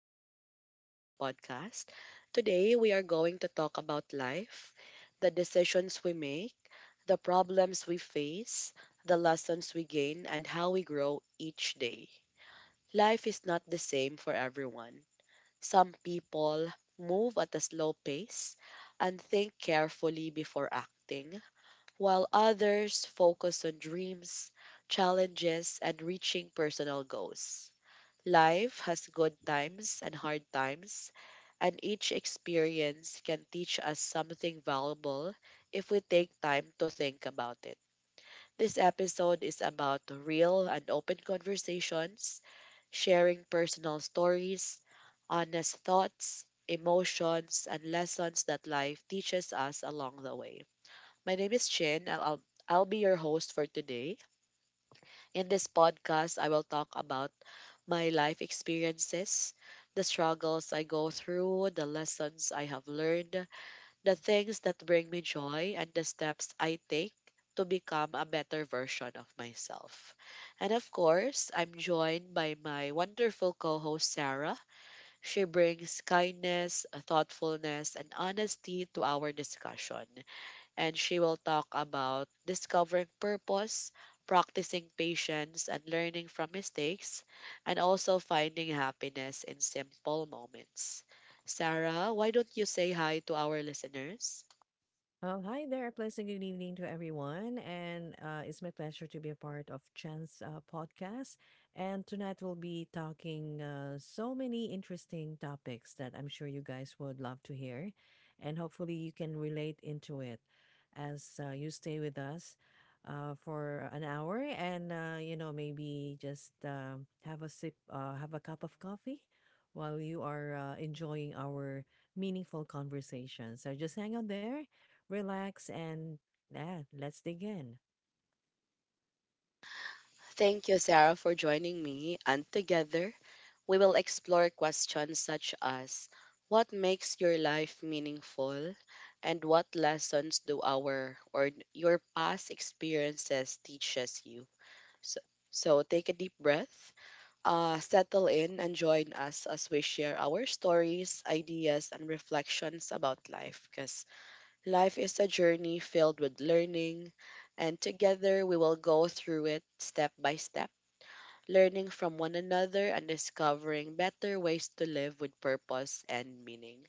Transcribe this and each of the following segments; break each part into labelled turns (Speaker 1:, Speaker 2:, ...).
Speaker 1: welcome back to our podcast. Today, we are going to talk about life, the decisions we make, the problems we face, the lessons we gain, and how we grow each day. Life is not the same for everyone. Some people move at a slow pace and think carefully before acting, while others focus on dreams, challenges, and reaching personal goals. Life has good times and hard times, and each experience can teach us something valuable if we take time to think about it. This episode is about real and open conversations, sharing personal stories, honest thoughts, emotions, and lessons that life teaches us along the way. My name is Chin. And I'll be your host for today. In this podcast, I will talk about my life experiences, the struggles I go through, the lessons I have learned, the things that bring me joy, and the steps I take to become a better version of myself. And of course, I'm joined by my wonderful co host, Sarah. She brings kindness, thoughtfulness, and honesty to our discussion, and she will talk about discovering purpose, practicing patience, and learning from mistakes, and also finding happiness in simple moments. Sarah, why don't you say hi to our listeners?
Speaker 2: Well, hi there. Pleasant good evening to everyone. And It's my pleasure to be a part of Chance podcast. And tonight we'll be talking so many interesting topics that I'm sure you guys would love to hear. And hopefully you can relate into it as you stay with us for an hour and maybe just have a sip, have a cup of coffee while you are enjoying our meaningful conversation. So just hang out there, relax, and yeah, let's dig in.
Speaker 1: Thank you, Sarah, for joining me. And together, we will explore questions such as, what makes your life meaningful? And what lessons do our or your past experiences teaches you? So, so take a deep breath, settle in and join us as we share our stories, ideas, and reflections about life. Because life is a journey filled with learning, and together we will go through it step by step, learning from one another and discovering better ways to live with purpose and meaning.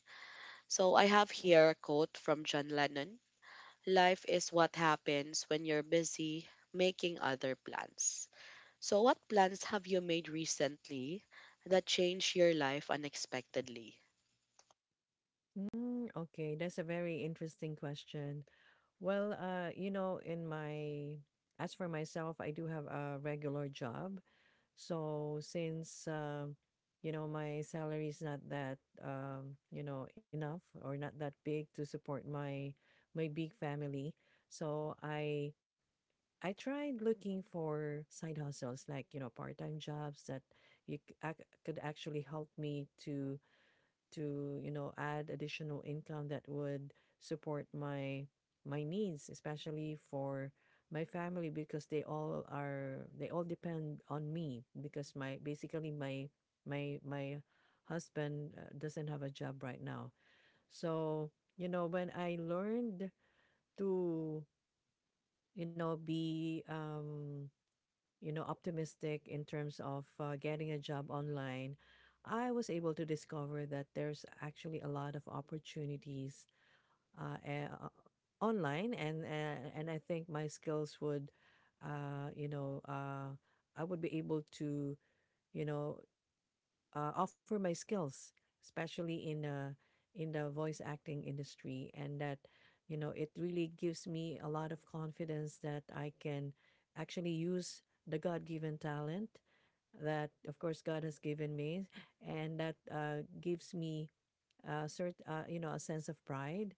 Speaker 1: So, I have here a quote from John Lennon. Life is what happens when you're busy making other plans. So, what plans have you made recently that changed your life unexpectedly?
Speaker 2: Mm, okay, that's a very interesting question. Well, you know, in my As for myself, I do have a regular job. So since my salary is not that enough or not that big to support my big family. So I tried looking for side hustles like, you know, part-time jobs that could actually help me to add additional income that would support my needs, especially for my family, because they all depend on me because my basically my my my husband doesn't have a job right now. So you know, when I learned to be optimistic in terms of getting a job online, I was able to discover that there's actually a lot of opportunities uh, eh, uh, online, and I think my skills would, uh, you know, uh, I would be able to, you know, offer my skills, especially in the voice acting industry, and that, you know, it really gives me a lot of confidence that I can actually use the God-given talent that, of course, God has given me, and that gives me a cert, you know, a sense of pride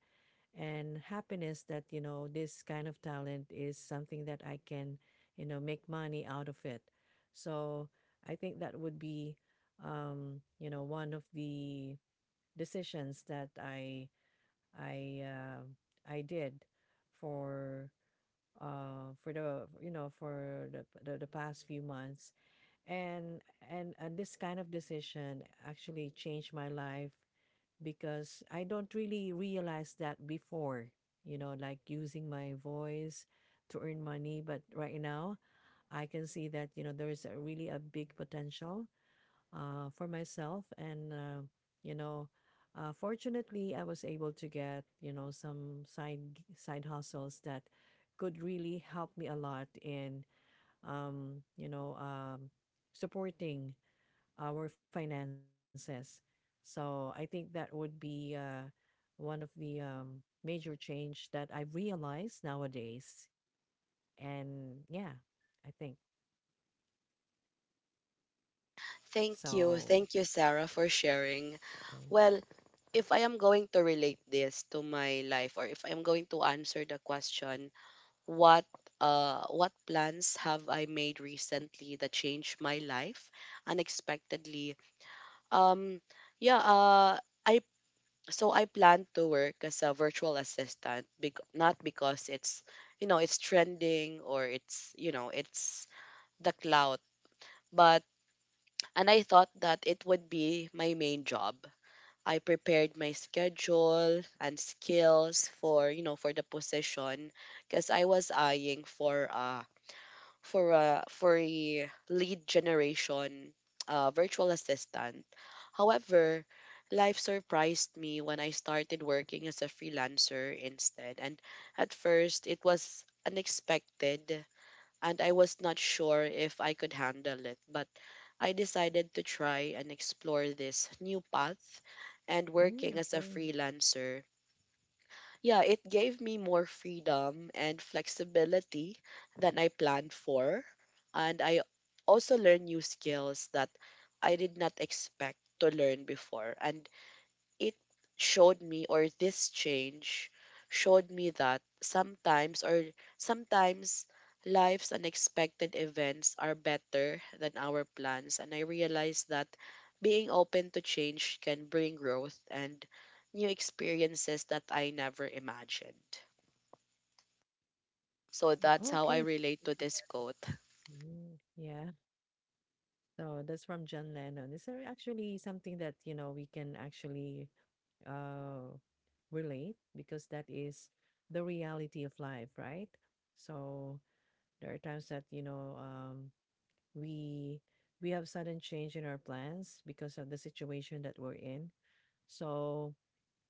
Speaker 2: and happiness that, you know, this kind of talent is something that I can, you know, make money out of it. So I think that would be, you know, one of the decisions that I uh, I did for for the you know for the past few months, and and this kind of decision actually changed my life because I don't really realize that before, you know, like using my voice to earn money. But right now, I can see that, you know, there is a really a big potential for myself. And, you know, fortunately, I was able to get, you know, some side hustles that could really help me a lot in, um, you know, um, supporting our finances. So I think that would be one of the major change that I've realized nowadays. And yeah, I think
Speaker 1: Thank you.
Speaker 2: so.
Speaker 1: Thank you, Sarah, for sharing.
Speaker 2: Right.
Speaker 1: Well, if I am going to relate this to my life, or if I'm going to answer the question, what what plans have I made recently that changed my life unexpectedly? Um yeah, I, so I plan to work as a virtual assistant, not because it's, you know, it's trending, or it's, you know, it's the clout, but, and I thought that it would be my main job. I prepared my schedule and skills for, you know, for the position, because I was eyeing for a for a lead generation virtual assistant. However, life surprised me when I started working as a freelancer instead. And at first, it was unexpected, and I was not sure if I could handle it. But I decided to try and explore this new path. And working
Speaker 2: Mm,
Speaker 1: as a
Speaker 2: okay.
Speaker 1: freelancer, yeah, it gave me more freedom and flexibility than I planned for. And I also learned new skills that I did not expect to learn before. And it showed me, or this change showed me that sometimes life's unexpected events are better than our plans. And I realized that being open to change can bring growth and new experiences that I never imagined. So that's how I
Speaker 2: Okay.
Speaker 1: relate
Speaker 2: Good
Speaker 1: to
Speaker 2: to.
Speaker 1: this quote.
Speaker 2: Yeah, so that's from John Lennon. It's actually something that, you know, we can actually uh relate because that is the reality of life, right? So there are times that, you know, we we have sudden change in our plans because of the situation that we're in. So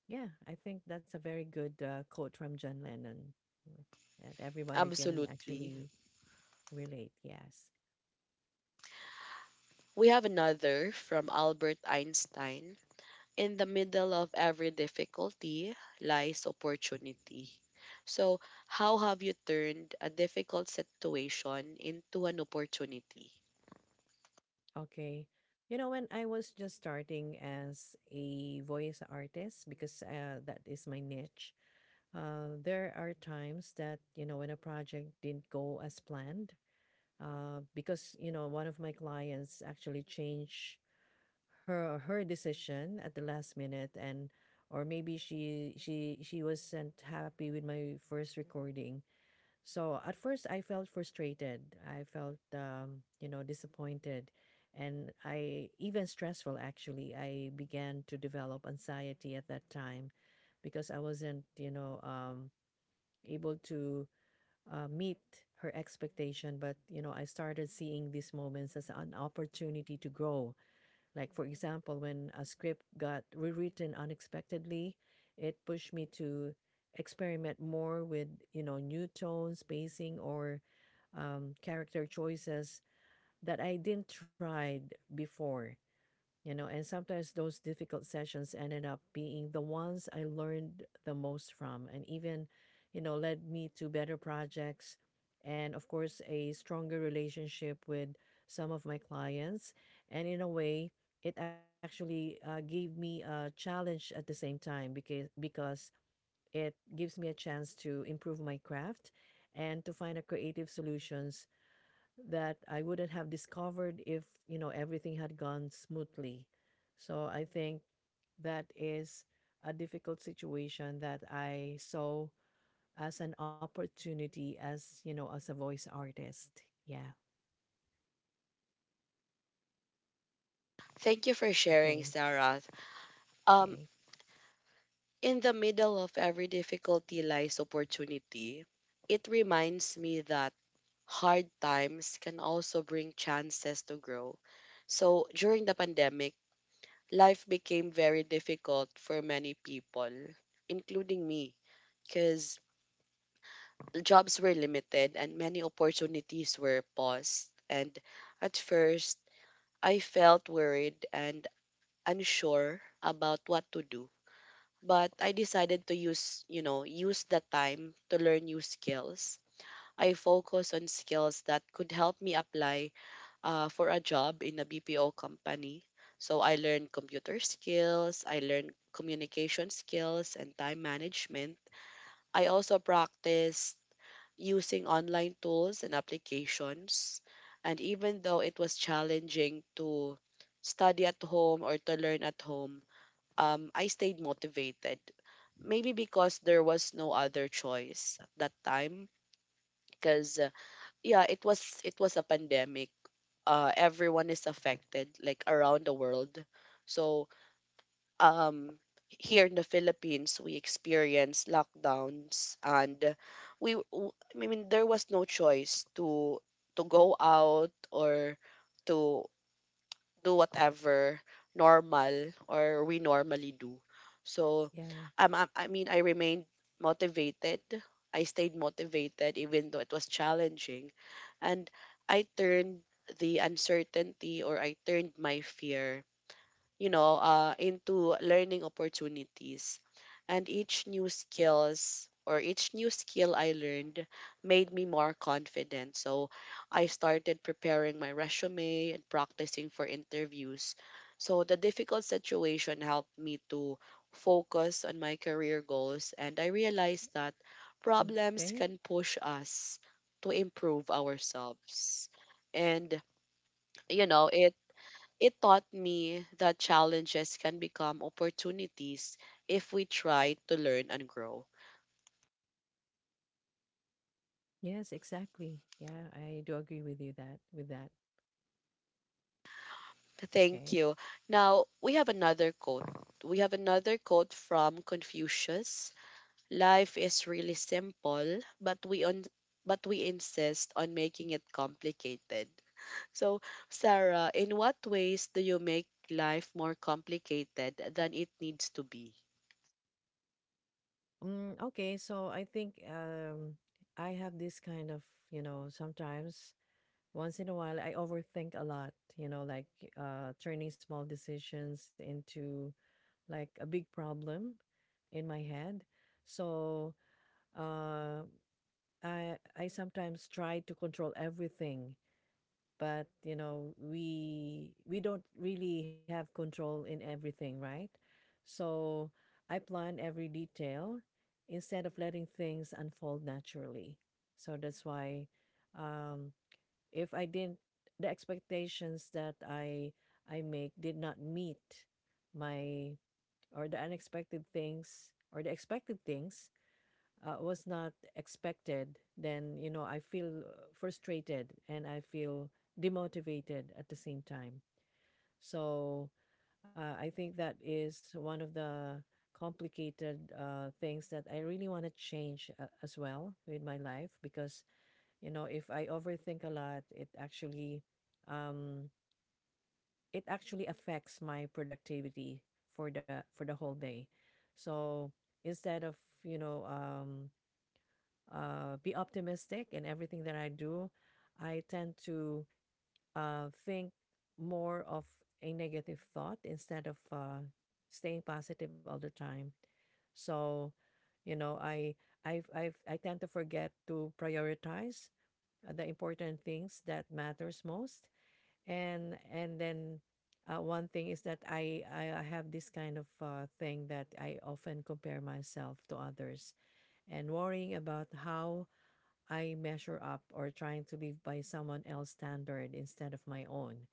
Speaker 2: yeah, I think that's a very good quote from John Lennon, mm, and everybody can
Speaker 1: Absolutely.
Speaker 2: actually relate. Yes.
Speaker 1: We have another from Albert Einstein. In the middle of every difficulty lies opportunity. So, how have you turned a difficult situation into an opportunity?
Speaker 2: Okay. You know, when I was just starting as a voice artist, because that is my niche, there are times that, you know, when a project didn't go as planned, because, you know, one of my clients actually changed her decision at the last minute, and or maybe she wasn't happy with my first recording. So at first I felt frustrated, I felt, you know, disappointed, and I even stressful actually I began to develop anxiety at that time because I wasn't, able to meet her expectation. But you know, I started seeing these moments as an opportunity to grow. Like, for example, when a script got rewritten unexpectedly, it pushed me to experiment more with, you know, new tone, spacing, or character choices that I didn't try before. You know, and sometimes those difficult sessions ended up being the ones I learned the most from, and even, you know, led me to better projects and, of course, a stronger relationship with some of my clients. And in a way, it actually gave me a challenge at the same time, because it gives me a chance to improve my craft and to find a creative solutions that I wouldn't have discovered if, you know, everything had gone smoothly. So I think that is a difficult situation that I saw as an opportunity as, you know, as a voice artist. Yeah.
Speaker 1: Thank you for sharing,
Speaker 2: Okay.
Speaker 1: Sarah. Um,
Speaker 2: Okay.
Speaker 1: in the middle of every difficulty lies opportunity. It reminds me that hard times can also bring chances to grow. So, during the pandemic, life became very difficult for many people, including me, because jobs were limited and many opportunities were paused. And at first, I felt worried and unsure about what to do. But I decided to use, you know, use the time to learn new skills. I focus on skills that could help me apply for a job in a BPO company. So I learned computer skills, I learned communication skills and time management. I also practice using online tools and applications. And even though it was challenging to study at home or to learn at home, I stayed motivated. Maybe because there was no other choice at that time. Because yeah, it was a pandemic. Everyone is affected, like around the world. So um here in the Philippines we experienced lockdowns, and I mean there was no choice to go out, or to do whatever normal, or we normally do. So
Speaker 2: Yeah.
Speaker 1: I mean I remained motivated. I stayed motivated even though it was challenging. And I turned the uncertainty, or I turned my fear, you know, into learning opportunities. And each new skill I learned made me more confident. So I started preparing my resume and practicing for interviews. So the difficult situation helped me to focus on my career goals, and I realized that
Speaker 2: Mm,
Speaker 1: problems
Speaker 2: okay.
Speaker 1: can push us to improve ourselves. And you know, it taught me that challenges can become opportunities if we try to learn and grow.
Speaker 2: Yes, exactly. Yeah, I do agree with you that with that.
Speaker 1: Thank
Speaker 2: Okay.
Speaker 1: you. Now, we have another quote. We have another quote from Confucius. Life is really simple, but we on but we insist on making it complicated. So, Sarah, in what ways do you make life more complicated than it needs to be?
Speaker 2: Mm, okay, so I think um I have this kind of, you know, sometimes once in a while, I overthink a lot, you know, like turning small decisions into like a big problem in my head. So uh, I sometimes try to control everything, but you know, we don't really have control in everything, right? So I plan every detail instead of letting things unfold naturally. So that's why, um, if I didn't the expectations that I make did not meet my, or the unexpected things or the expected things was not expected, then you know, I feel frustrated and I feel demotivated at the same time. So I think that is one of the complicated things that I really want to change as well with my life, because you know, if I overthink a lot, um it actually affects my productivity for the whole day. So instead of, you know, be optimistic in everything that I do, I tend to think more of a negative thought instead of staying positive all the time. So, you know, I tend to forget to prioritize the important things that matters most. And then One thing is that I have this kind of thing that I often compare myself to others and worrying about how I measure up, or trying to live by someone else's standard instead of my own.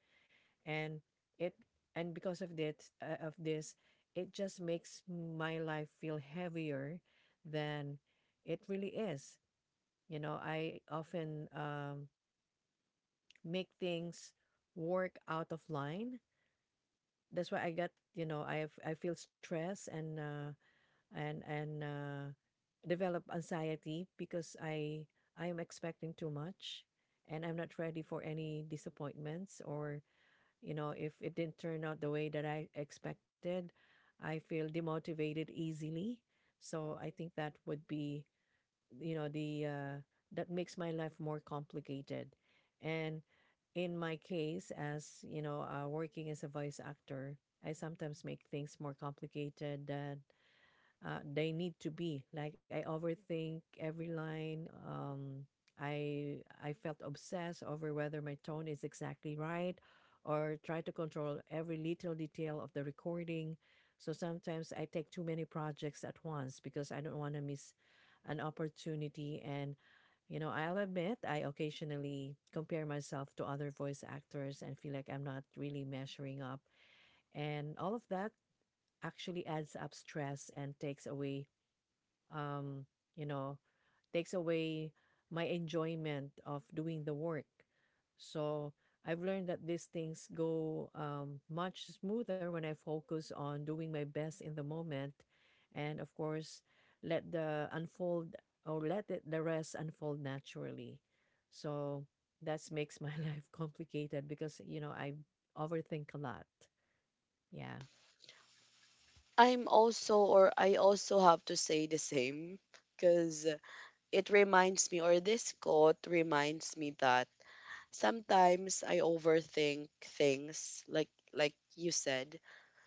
Speaker 2: And it and because of that of this, it just makes my life feel heavier than it really is. You know, I often, make things work out of line. That's why I got, you know, I feel stress and develop anxiety because I am expecting too much and I'm not ready for any disappointments, or you know, if it didn't turn out the way that I expected, I feel demotivated easily. So I think that would be, you know, the that makes my life more complicated. And in my case, as you know, working as a voice actor, I sometimes make things more complicated that they need to be. Like I overthink every line, I I felt obsessed over whether my tone is exactly right, or try to control every little detail of the recording. So sometimes I take too many projects at once because I don't want to miss an opportunity. And you know, I'll admit, I occasionally compare myself to other voice actors and feel like I'm not really measuring up. And all of that actually adds up stress and takes away, um, you know, takes away my enjoyment of doing the work. So I've learned that these things go, much smoother when I focus on doing my best in the moment. And of course, let the unfold let it, the rest unfold naturally. So that makes my life complicated because, you know, I overthink a lot. Yeah.
Speaker 1: I'm also, or I also have to say the same, because it reminds me, or this quote reminds me, that sometimes I overthink things, like you said.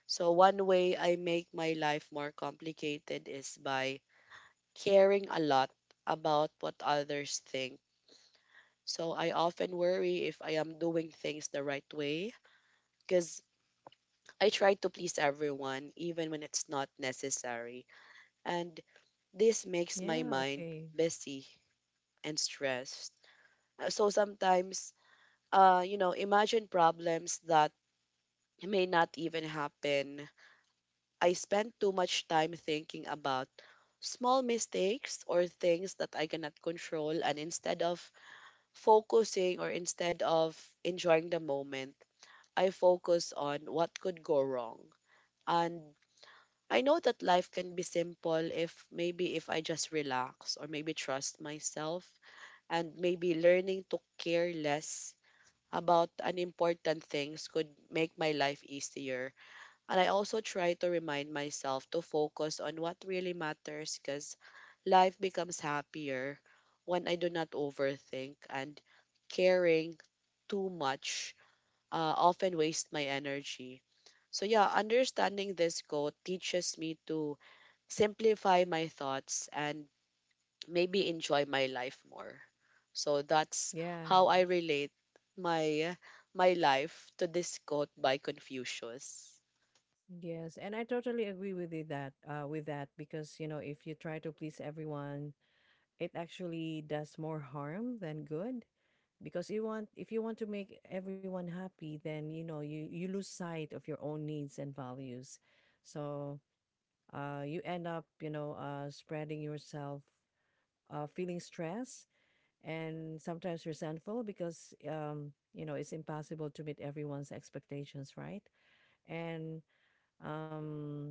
Speaker 1: So one way I make my life more complicated is by caring a lot about what others think. So I often worry if I am doing things the right way, because I try to please everyone even when it's not necessary. And this makes my
Speaker 2: Yeah.
Speaker 1: mind
Speaker 2: Okay.
Speaker 1: busy and stressed. So sometimes, you know, imagine problems that may not even happen. I spend too much time thinking about small mistakes or things that I cannot control, and instead of enjoying the moment, I focus on what could go wrong. And I know that life can be simple if, maybe if I just relax, or maybe trust myself, and maybe learning to care less about unimportant things could make my life easier. And I also try to remind myself to focus on what really matters, because life becomes happier when I do not overthink, and caring too much often waste my energy. So yeah, understanding this quote teaches me to simplify my thoughts and maybe enjoy my life more. So that's
Speaker 2: Yeah.
Speaker 1: how I relate my my life to this quote by Confucius.
Speaker 2: Yes, and I totally agree with you that with that, because you know, if you try to please everyone, it actually does more harm than good. Because you want If you want to make everyone happy, then you know, you lose sight of your own needs and values. So you end up, you know, spreading yourself, feeling stress and sometimes resentful because, you know, it's impossible to meet everyone's expectations, right? And um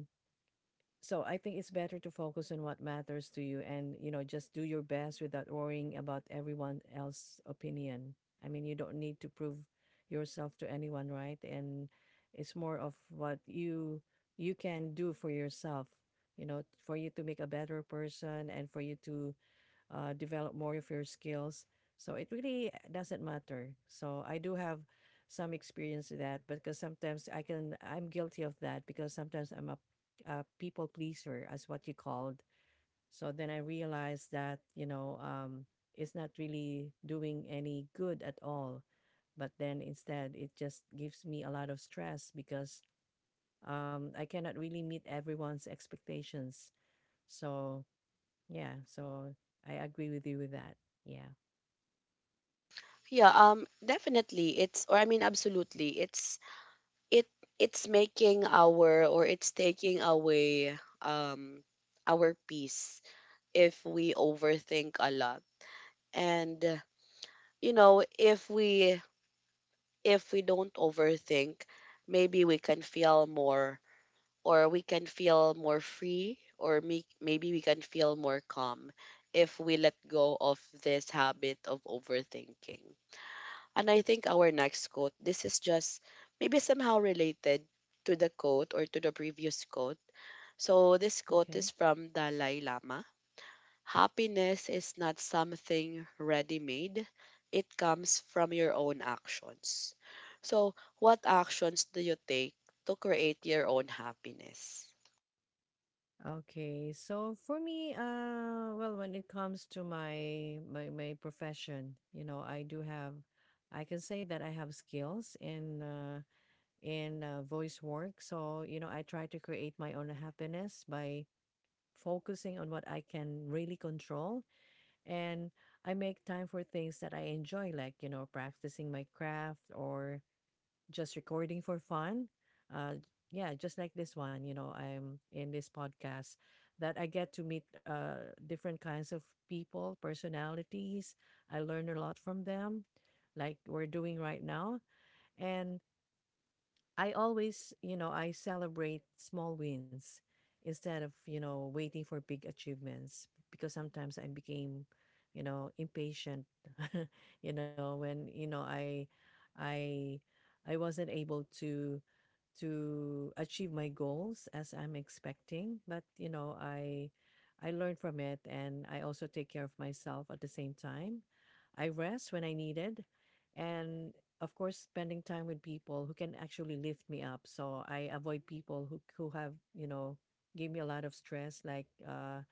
Speaker 2: So I think it's better to focus on what matters to you, and, you know, just do your best without worrying about everyone else's opinion. I mean, you don't need to prove yourself to anyone, right? And it's more of what you can do for yourself, you know, for you to make a better person, and for you to develop more of your skills. So it really doesn't matter. So I do have some experience with that because sometimes I'm guilty of that, because sometimes I'm a people pleaser as what you called. So then I realized that it's not really doing any good at all. But then instead it just gives me a lot of stress because I cannot really meet everyone's expectations. So, yeah, so I agree with you with that. Yeah.
Speaker 1: Yeah, definitely it's, or I mean absolutely it's, it it's making our, or it's taking away um our peace if we overthink a lot. And you know, if we don't overthink, maybe we can feel more, or we can feel more free, or maybe we can feel more calm if we let go of this habit of overthinking. And I think our next quote, this is just maybe somehow related to the quote, or to the previous quote. So this
Speaker 2: Okay.
Speaker 1: quote is from Dalai Lama. Happiness is not something ready-made. It comes from your own actions. So, what actions do you take to create your own happiness?
Speaker 2: Okay. So for me, well, when it comes to my profession, you know, I do have, I can say that I have skills in voice work. So you know, I try to create my own happiness by focusing on what I can really control, and I make time for things that I enjoy, like practicing my craft or just recording for fun. Uh, yeah, just like this one, you know, I'm in this podcast that I get to meet different kinds of people, personalities. I learn a lot from them, like we're doing right now. And I always, I celebrate small wins instead of, waiting for big achievements because sometimes I became, impatient, when, I, I wasn't able to achieve my goals as I'm expecting. But you know, I learn from it and I also take care of myself at the same time. I rest when I needed and of course spending time with people who can actually lift me up. So I avoid people who give me a lot of stress, like uh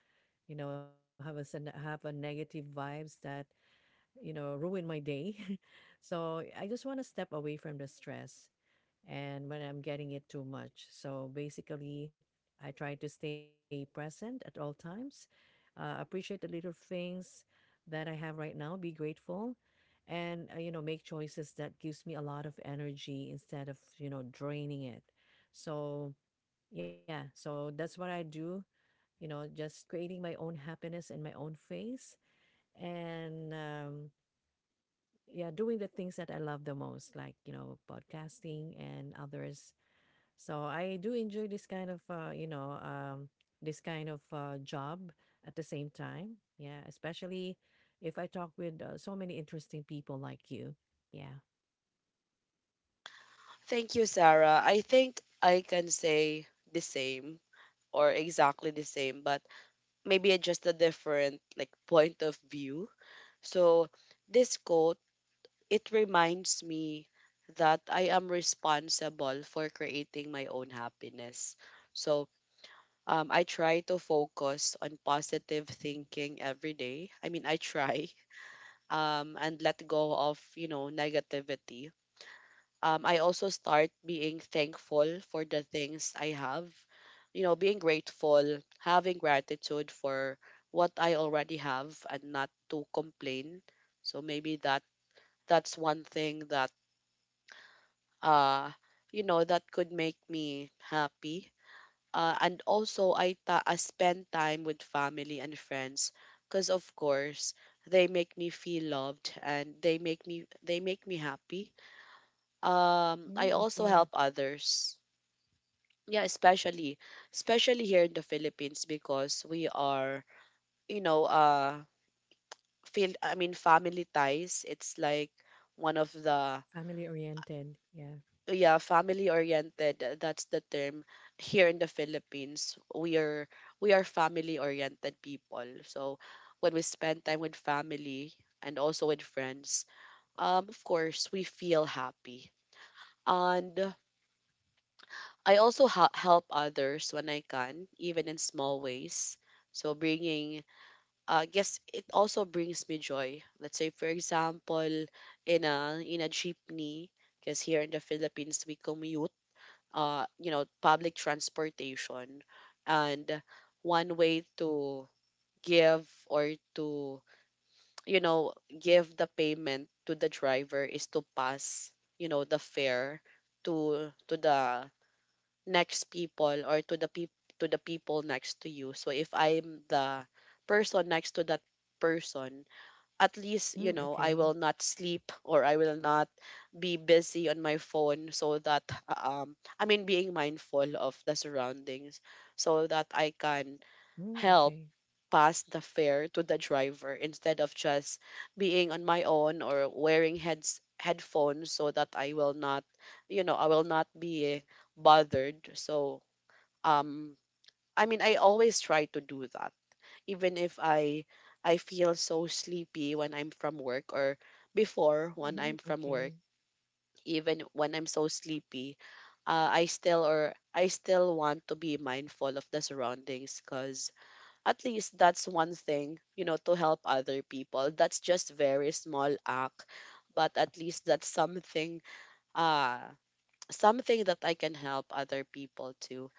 Speaker 2: you know have a negative vibes that ruin my day. So I just want to step away from the stress and when I'm getting it too much. So basically, I try to stay present at all times, appreciate the little things that I have right now, be grateful and make choices that gives me a lot of energy instead of draining it, so, yeah, so that's what I do, just creating my own happiness in my own face. And yeah, doing the things that I love the most, like podcasting and others. So I do enjoy this kind of job at the same time, yeah, especially if I talk with so many interesting people like you. Yeah.
Speaker 1: Thank you, Sarah. I think I can say the same, or exactly the same, but maybe just a different like point of view. So this quote, it reminds me that I am responsible for creating my own happiness. So I try to focus on positive thinking every day. I mean, I try. Um, and let go of, you know, negativity. Um, I also start being thankful for the things I have. You know, being grateful, having gratitude for what I already have, and not to complain. So maybe that's one thing that, uh you know, that could make me happy. And also I, I spend time with family and friends, because of course they make me feel loved, and they make me happy. Um,
Speaker 2: Mm,
Speaker 1: I also
Speaker 2: okay.
Speaker 1: help others. Yeah, especially here in the Philippines, because we are, you know, uh, feel, I mean family ties. It's like one of the,
Speaker 2: Family oriented, yeah.
Speaker 1: yeah, family oriented, that's the term. Here in the Philippines, we are family oriented people. So when we spend time with family and also with friends, um, of course we feel happy. And I also help others when I can, even in small ways. So bringing, I guess it also brings me joy. Let's say, for example, in a jeepney, because here in the Philippines we commute, public transportation. And one way to give or to you know give the payment to the driver is to pass the fare to the next people, or to the people next to you. So if I'm the person next to that person, at least, you
Speaker 2: Mm,
Speaker 1: know, I
Speaker 2: okay.
Speaker 1: will not sleep or I will not be busy on my phone, so that I mean being mindful of the surroundings so that I can
Speaker 2: Mm,
Speaker 1: help
Speaker 2: okay.
Speaker 1: pass the fare to the driver, instead of just being on my own or wearing heads headphones so that I will not I will not be bothered. So um I mean, I always try to do that even if I feel so sleepy when I'm from work, or before when I'm
Speaker 2: Mm,
Speaker 1: from work,
Speaker 2: okay.
Speaker 1: even when I'm so sleepy, I still or I still want to be mindful of the surroundings, because at least that's one thing, you know, to help other people. That's just very small act, but at least that's something, uh something that I can help other people to.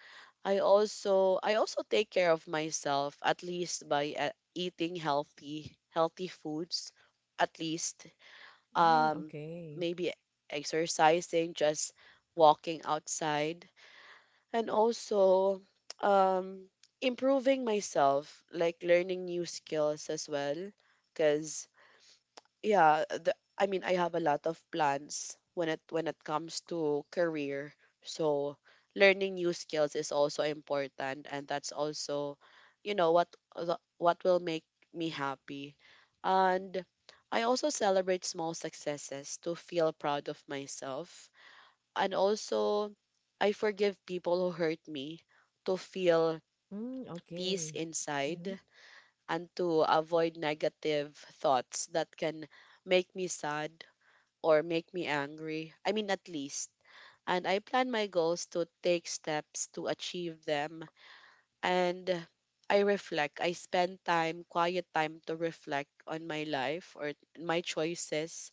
Speaker 1: I also take care of myself at least by eating healthy foods at least.
Speaker 2: Mm,
Speaker 1: um
Speaker 2: okay.
Speaker 1: Maybe exercising, just walking outside, and also um improving myself like learning new skills as well, because yeah the, I mean I have a lot of plans when it comes to career. So learning new skills is also important, and that's also, you know, what will make me happy. And I also celebrate small successes to feel proud of myself, and also I forgive people who hurt me to feel
Speaker 2: Mm,
Speaker 1: peace
Speaker 2: okay. Hmm.
Speaker 1: inside, and to avoid negative thoughts that can make me sad or make me angry. I mean, at least. And I plan my goals to take steps to achieve them. And I reflect. I spend time, quiet time, to reflect on my life or my choices.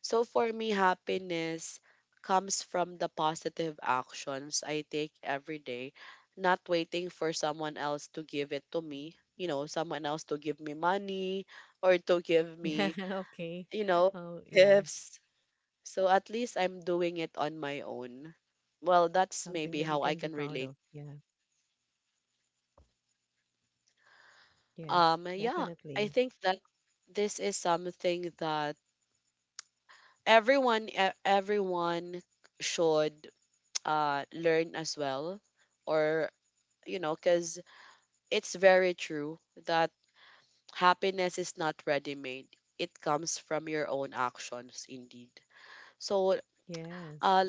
Speaker 1: So for me, happiness comes from the positive actions I take every day, not waiting for someone else to give it to me. You know, someone else to give me money, or to give me,
Speaker 2: Yeah. Okay.
Speaker 1: you know,
Speaker 2: Oh, yeah.
Speaker 1: gifts. So at least I'm doing it on my own. Well, that's
Speaker 2: Something
Speaker 1: maybe
Speaker 2: that you
Speaker 1: how
Speaker 2: can
Speaker 1: I
Speaker 2: be
Speaker 1: can
Speaker 2: proud of.
Speaker 1: relate.
Speaker 2: Yeah. Yes,
Speaker 1: Yeah, I
Speaker 2: definitely.
Speaker 1: think that this is something that everyone should learn as well. Or, you know, because it's very true that happiness is not ready-made. It comes from your own actions, indeed. So,
Speaker 2: Yes.
Speaker 1: uh,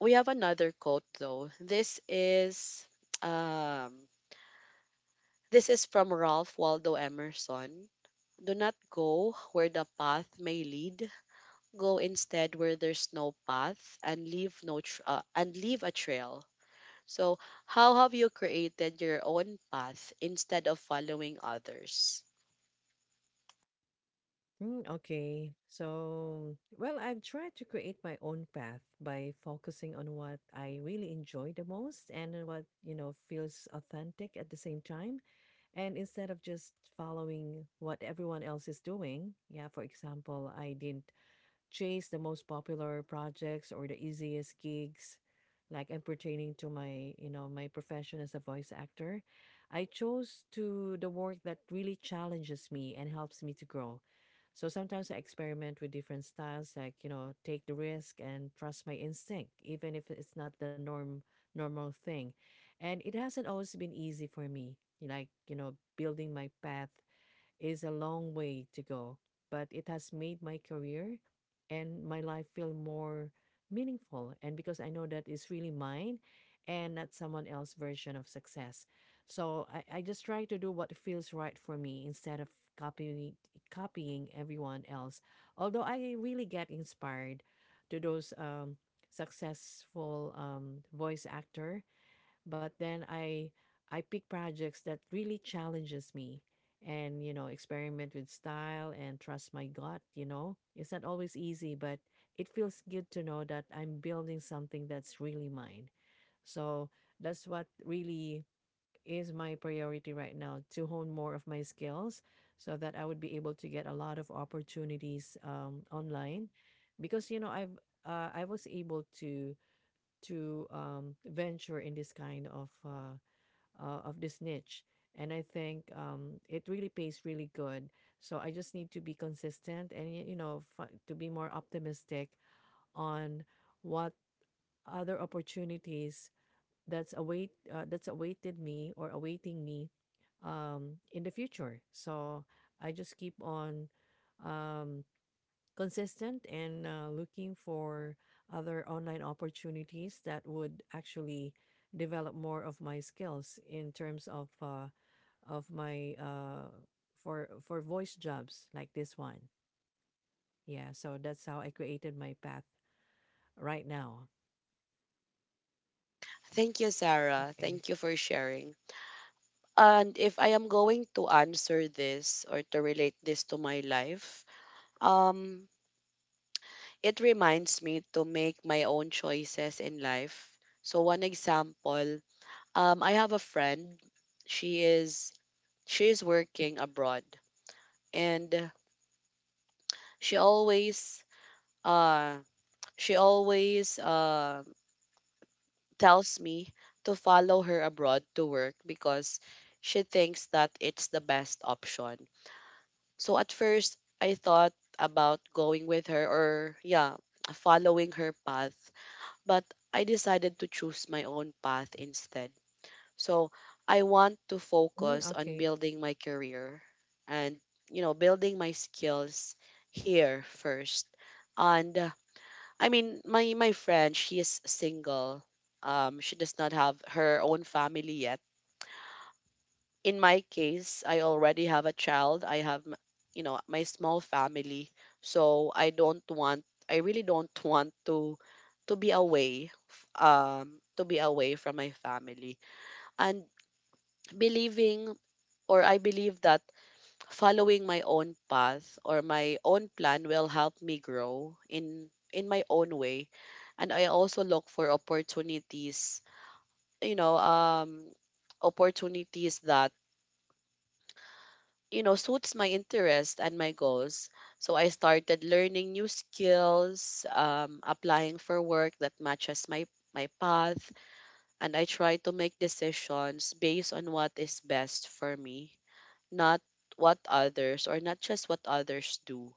Speaker 1: we have another quote though. This is um this is from Ralph Waldo Emerson. Do not go where the path may lead. Go instead where there's no path and leave no tr- and leave a trail. So, how have you created your own path instead of following others?
Speaker 2: Mm, okay. So, well, I've tried to create my own path by focusing on what I really enjoy the most and what, feels authentic at the same time. And instead of just following what everyone else is doing, yeah, for example, I didn't chase the most popular projects or the easiest gigs, like, and pertaining to my you know my profession as a voice actor. I chose to the work that really challenges me and helps me to grow. So sometimes I experiment with different styles, like take the risk and trust my instinct even if it's not the normal thing. And it hasn't always been easy for me, like building my path is a long way to go, but it has made my career and my life feel more meaningful. And because I know that it's really mine and not someone else's version of success. So I just try to do what feels right for me instead of copying copying everyone else. Although I really get inspired to those successful voice actor, but then I pick projects that really challenges me. And experiment with style and trust my gut, it's not always easy, but it feels good to know that I'm building something that's really mine. So that's what really is my priority right now, to hone more of my skills so that I would be able to get a lot of opportunities online. Because I was able to venture in this kind of this niche. And I think it really pays really good. So I just need to be consistent and to be more optimistic on what other opportunities that's awaited me or awaiting me in the future. So I just keep on um, consistent and looking for other online opportunities that would actually develop more of my skills in terms of my for voice jobs like this one. Yeah, so that's how I created my path right now.
Speaker 1: Thank you, Sarah.
Speaker 2: Okay.
Speaker 1: Thank you for sharing. And if I am going to answer this or to relate this to my life, um, it reminds me to make my own choices in life. So one example. I have a friend. She is she is working abroad, and she always uh she always tells me to follow her abroad to work, because she thinks that it's the best option. So at first, I thought about going with her, or yeah, following her path, but I decided to choose my own path instead. So I want to
Speaker 2: Mm,
Speaker 1: focus on
Speaker 2: okay.
Speaker 1: building my career and, you know, building my skills here first. And I mean, my friend, she is single. She does not have her own family yet. In my case, I already have a child. I have you know, my small family. So I really don't want to be away to be away from my family, and believing, or I believe that following my own path or my own plan will help me grow in my own way. And I also look for opportunities, you know, opportunities that, you know, suits my interest and my goals. So I started learning new skills, applying for work that matches my my path, and I try to make decisions based on what is best for me, not what others, or not just what others do.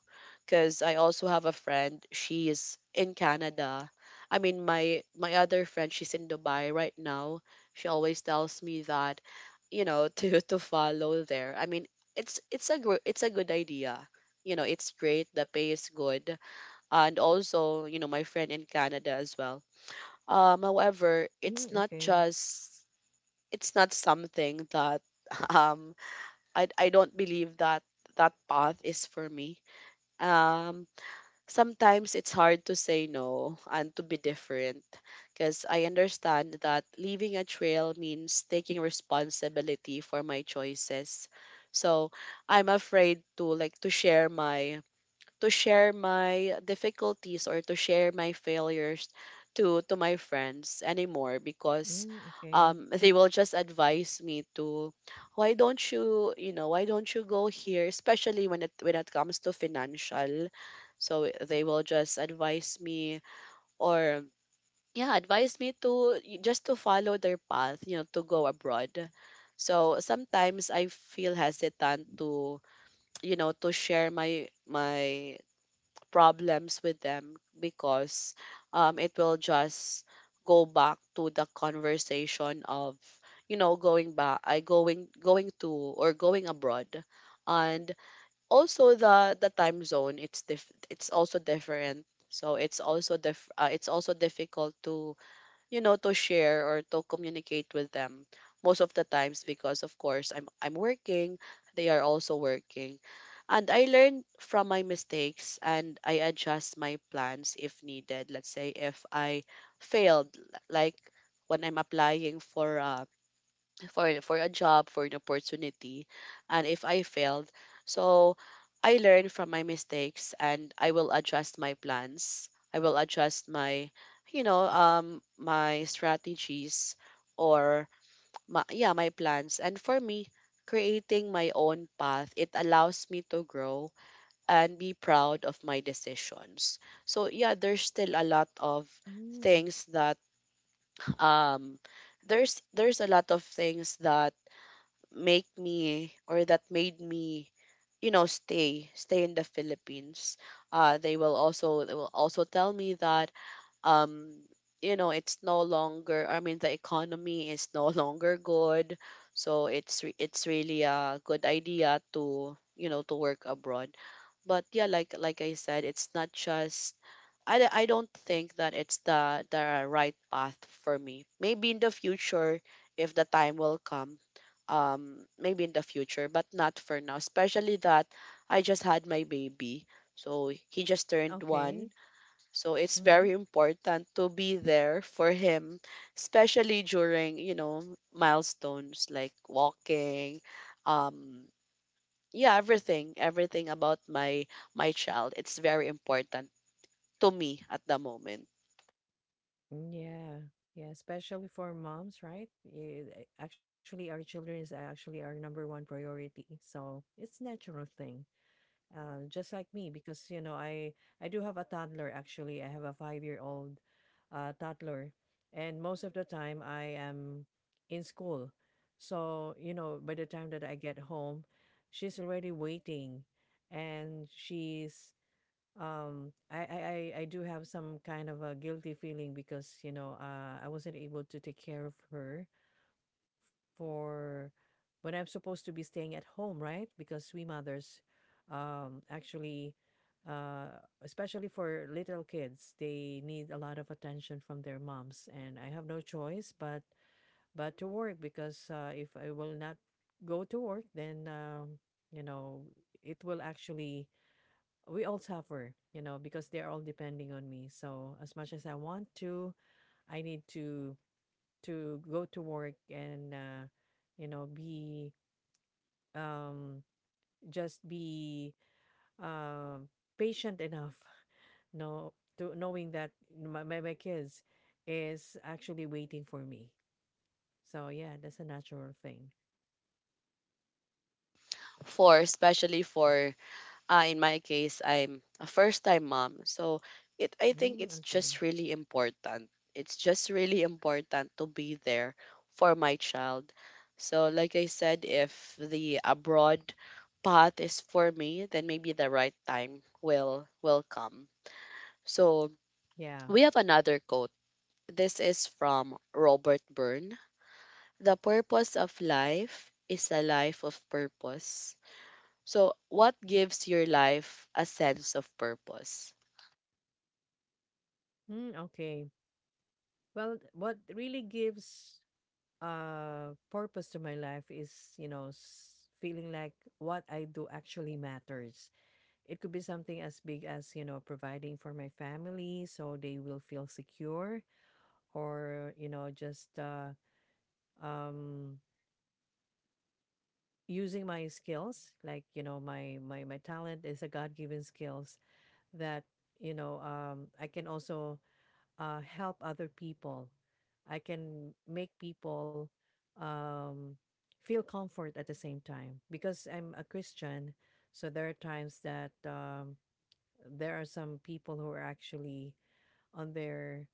Speaker 1: Because I also have a friend, she is in Canada. I mean, my other friend, she's in Dubai right now. She always tells me that, you know, to follow there. I mean, it's a good idea. You know, it's great. The pay is good. And also, you know, my friend in Canada as well. However,
Speaker 2: Mm,
Speaker 1: it's not
Speaker 2: okay.
Speaker 1: just, it's not something that um I don't believe that that path is for me. Um, sometimes it's hard to say no and to be different, because I understand that leaving a trail means taking responsibility for my choices. So I'm afraid to, like, to share my difficulties, or to share my failures to my friends anymore, because
Speaker 2: Mm, okay.
Speaker 1: they will just advise me to, why don't you, you know, why don't you go here, especially when it comes to financial. So they will just advise me, or yeah, advise me to just to follow their path, you know, to go abroad. So sometimes I feel hesitant to, you know, to share my my problems with them, because it will just go back to the conversation of, you know, going back I going going to, or going abroad. And also the time zone, it's it's also different, so it's also it's also difficult to, you know, to share or to communicate with them most of the times, because of course I'm working, they are also working. And I learn from my mistakes and I adjust my plans if needed. Let's say if I failed, like when I'm applying for a job, for an opportunity, and if I failed, so I learn from my mistakes and I will adjust my plans. I will adjust my, you know, my strategies, or my, yeah, my plans. And for me, creating my own path, it allows me to grow and be proud of my decisions. So yeah, there's still a lot of
Speaker 2: Mm, okay.
Speaker 1: things that um there's a lot of things that make me, or that made me, you know, stay in the Philippines. They will also, they will also tell me that um you know, it's no longer, I mean, the economy is no longer good, so it's really a good idea to, you know, to work abroad. But yeah, like I said, it's not just, I don't think that it's the right path for me. Maybe in the future, if the time will come, maybe in the future, but not for now, especially that I just had my baby, so he just turned
Speaker 2: Okay.
Speaker 1: one. So it's
Speaker 2: Mm-hmm.
Speaker 1: very important to be there for him, especially during, you know, milestones like walking. um yeah, everything about my my child, it's very important to me at the moment.
Speaker 2: Mm. Yeah, yeah, especially for moms, right? Yeah, actually, our children is actually our number one priority, so it's natural thing. Just like me, because you know, I do have a toddler. Actually, I have a 5-year-old old, toddler, and most of the time I am in school. So you know, by the time that I get home, she's already waiting, and she's um, I, I, I do have some kind of a guilty feeling because, I wasn't able to take care of her for when I'm supposed to be staying at home, right? Because we mothers, actually, especially for little kids, they need a lot of attention from their moms, and I have no choice but to work because if I will not go to work, then you know, it will actually we all suffer, because they are all depending on me. So as much as I want to, I need to go to work and be um just be um patient enough, no, to knowing that my kids is actually waiting for me. So yeah, that's a natural thing.
Speaker 1: For especially for in my case, I'm a first time mom. So it I think
Speaker 2: Mm,
Speaker 1: it's
Speaker 2: okay.
Speaker 1: just really important. It's just really important to be there for my child. So like I said, if the abroad path is for me, then maybe the right time will come. So
Speaker 2: Yeah.
Speaker 1: we have another quote. This is from Robert Byrne. The purpose of life is a life of purpose. So, what gives your life a sense of purpose?
Speaker 2: Mm, okay. Well, what really gives purpose to my life is feeling like what I do actually matters. It could be something as big as providing for my family so they will feel secure, or just um using my skills, like my talent is a god-given skills that I can also help other people. I can make people um, feel comfort at the same time because I'm a Christian. So there are times that there are some people who are actually on their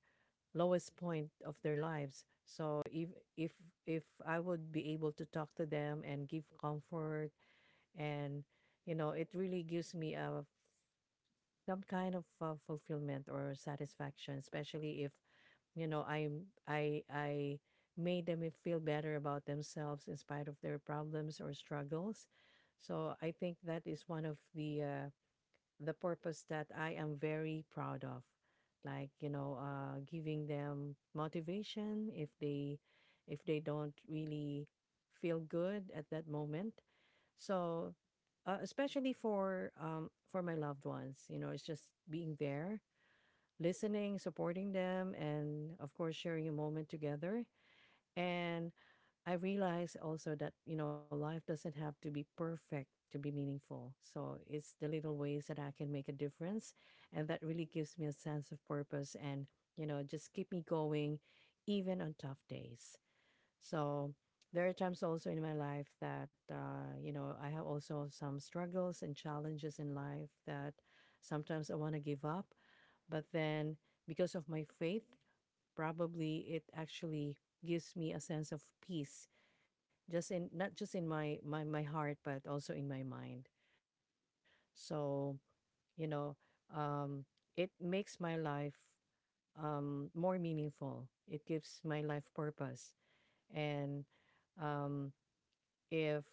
Speaker 2: lowest point of their lives. So if if I would be able to talk to them and give comfort, and it really gives me a some kind of fulfillment or satisfaction, especially if you know i I made them feel better about themselves in spite of their problems or struggles. So I think that is one of the purpose that I am very proud of, like giving them motivation if they don't really feel good at that moment. So especially for my loved ones, it's just being there, listening, supporting them, and of course, sharing a moment together. And I realized also that, life doesn't have to be perfect to be meaningful. So it's the little ways that I can make a difference. And that really gives me a sense of purpose and, just keep me going even on tough days. So there are times also in my life that, I have also some struggles and challenges in life that sometimes I want to give up. But then because of my faith, probably it actually gives me a sense of peace, just in not just in my heart, but also in my mind. So, you know, um, it makes my life more meaningful. It gives my life purpose. And um, if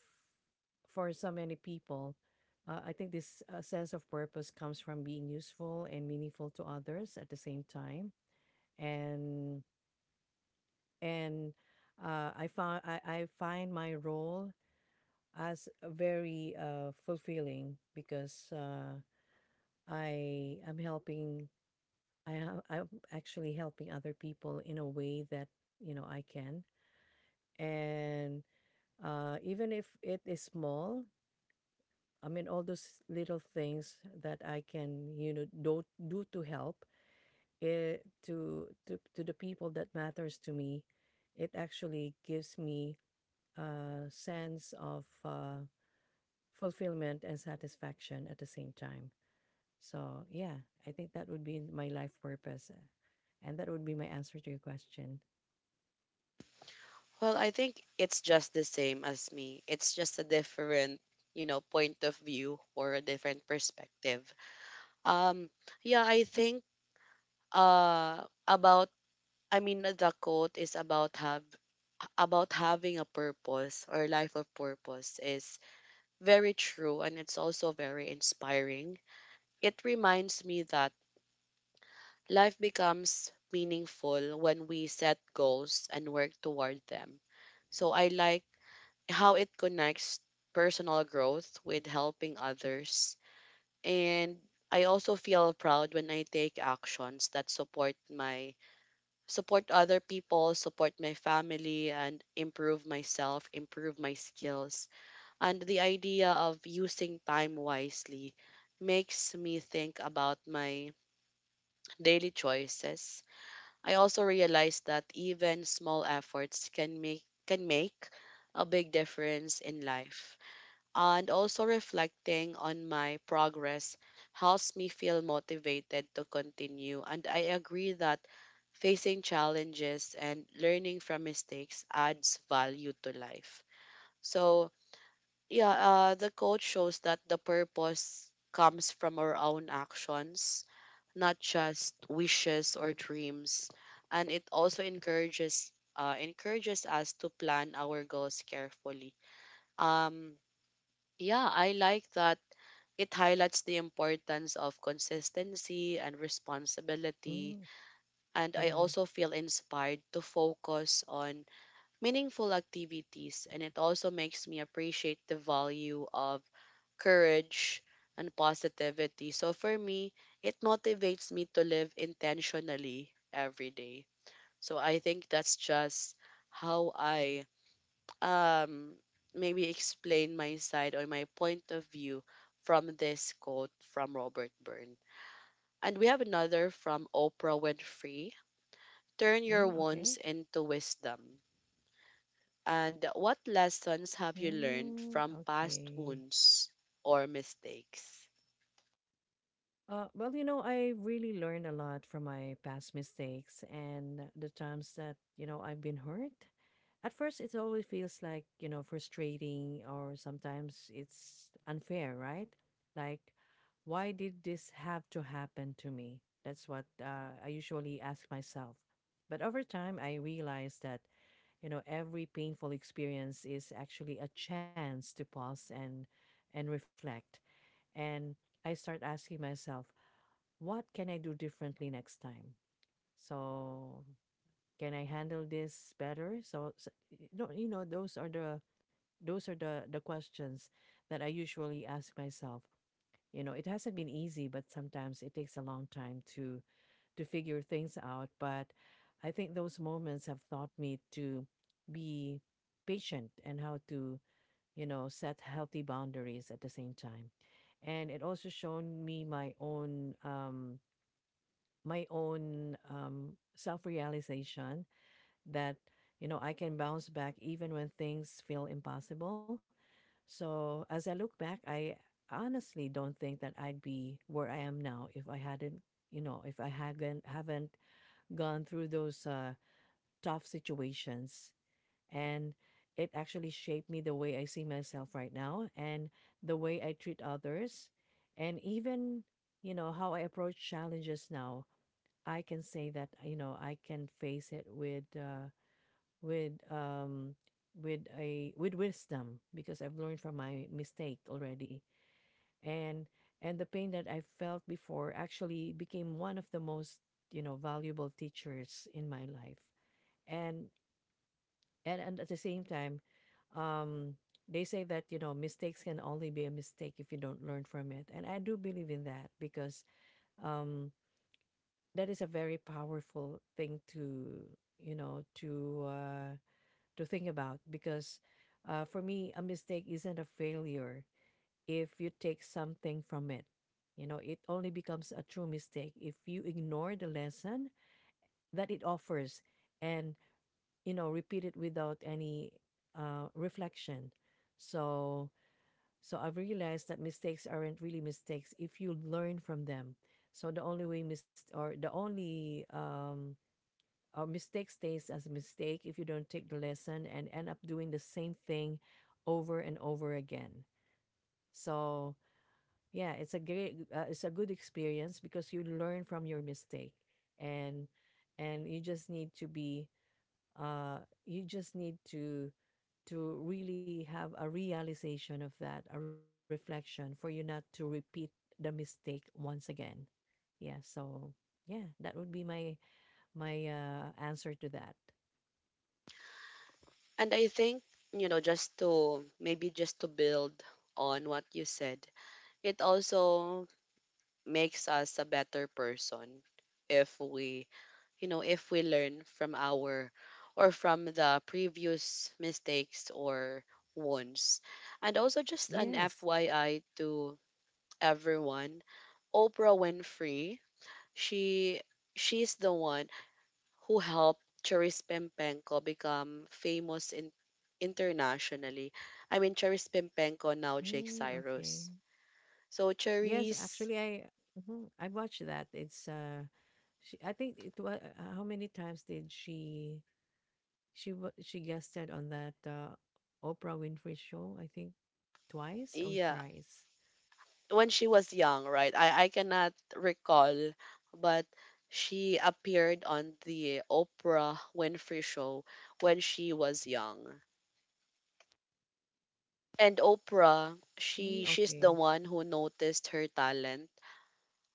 Speaker 2: for so many people, I think this sense of purpose comes from being useful and meaningful to others at the same time. And and I find my role as very fulfilling because I am helping. I'm actually helping other people in a way that I can, and even if it is small, I mean, all those little things that I can, do to help to the people that matters to me. It actually gives me a sense of fulfillment and satisfaction at the same time. So yeah, I think that would be my life purpose, and that would be my answer to your question.
Speaker 1: Well, I think it's just the same as me. It's just a different, you know, point of view, or a different perspective. Um, yeah, I think about I mean, the quote is about have about having a purpose, or life of purpose, is very true, and it's also very inspiring. It reminds me that life becomes meaningful when we set goals and work toward them. So I like how it connects personal growth with helping others. And I also feel proud when I take actions that support my support other people, support my family, and improve myself, improve my skills. And the idea of using time wisely makes me think about my daily choices. I also realize that even small efforts can make a big difference in life. And also reflecting on my progress helps me feel motivated to continue. And I agree that facing challenges and learning from mistakes adds value to life. So, yeah, the coach shows that the purpose comes from our own actions, not just wishes or dreams. And it also encourages encourages us to plan our goals carefully. Um, yeah, I like that it highlights the importance of consistency and
Speaker 2: Mm,
Speaker 1: responsibility, and I
Speaker 2: yeah.
Speaker 1: also feel inspired to focus on meaningful activities. And it also makes me appreciate the value of courage and positivity. So for me, it motivates me to live intentionally every day. So I think that's just how I, um, maybe explain my side or my point of view from this quote from Robert Byrne. And we have another from Oprah Winfrey. Turn your
Speaker 2: Mm, okay.
Speaker 1: wounds into wisdom. And what lessons have you learned
Speaker 2: Mm,
Speaker 1: from past
Speaker 2: okay.
Speaker 1: wounds or mistakes?
Speaker 2: Well, I really learned a lot from my past mistakes and the times that, I've been hurt. At first, it always feels like, frustrating or sometimes it's unfair, right? Like, why did this have to happen to me? That's what I usually ask myself. But over time, I realized that, you know, every painful experience is actually a chance to pause and reflect. And I start asking myself, what can I do differently next time? So can I handle this better? So no, you know, those are the questions that I usually ask myself. You know, it hasn't been easy, but sometimes it takes a long time to figure things out. But I think those moments have taught me to be patient and how to, you know, set healthy boundaries at the same time. And it also shown me my own self realization that, you know, I can bounce back even when things feel impossible. So as I look back, I honestly don't think that I'd be where I am now if I hadn't, you know, if I hadn't haven't gone through those tough situations. And it actually shaped me the way I see myself right now and the way I treat others and even, you know, how I approach challenges now I can say that you know I can face it with um with wisdom because I've learned from my mistake already and and the pain that I felt before actually became one of the most you know valuable teachers in my life and and at the same time um they say that you know mistakes can only be a mistake if you don't learn from it, and I do believe in that because um that is a very powerful thing to you know to think about because for me a mistake isn't a failure if you take something from it. You know, it only becomes a true mistake if you ignore the lesson that it offers and you know repeat it without any reflection. So so I've realized that mistakes aren't really mistakes if you learn from them. So the only way mis- or the only a mistake stays as a mistake if you don't take the lesson and end up doing the same thing over and over again. So yeah, it's a great, it's a good experience because you learn from your mistake, and and you just need to be, uh, you just need to really have a realization of that, a reflection for you not to repeat the mistake once again. Yeah. So yeah, that would be my answer to that.
Speaker 1: And I think, you know, just to build on what you said, it also makes us a better person if we you know if we learn from our or from the previous mistakes or wounds. And also just an
Speaker 2: Yes.
Speaker 1: fyi to everyone, Oprah Winfrey, she she's the one who helped Charis Pempenko become famous in, internationally. I mean, Charis Pempenko, now Jake
Speaker 2: Mm, okay.
Speaker 1: Cyrus. So,
Speaker 2: Yes,
Speaker 1: Charis,
Speaker 2: actually, I mhm, I watched that. It's she. I think it was how many times did she guested on that Oprah Winfrey show? I think twice or
Speaker 1: yeah,
Speaker 2: thrice.
Speaker 1: when she was young, right? I cannot recall, but she appeared on the Oprah Winfrey show when she was young. And Oprah,
Speaker 2: Mm,
Speaker 1: she's
Speaker 2: okay.
Speaker 1: the one who noticed her talent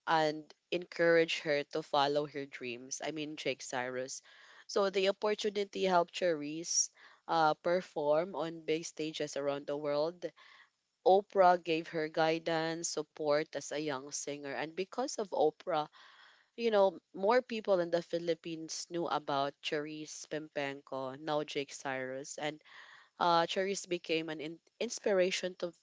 Speaker 1: and encouraged her to follow her dreams. I mean Jake Cyrus. So the opportunity helped Cherise perform on big stages around the world. Oprah gave her guidance, support as a young singer, and because of Oprah, you know, more people in the Philippines knew about Charisse Pimpenko, now Jake Cyrus, and Charisse became an inspiration to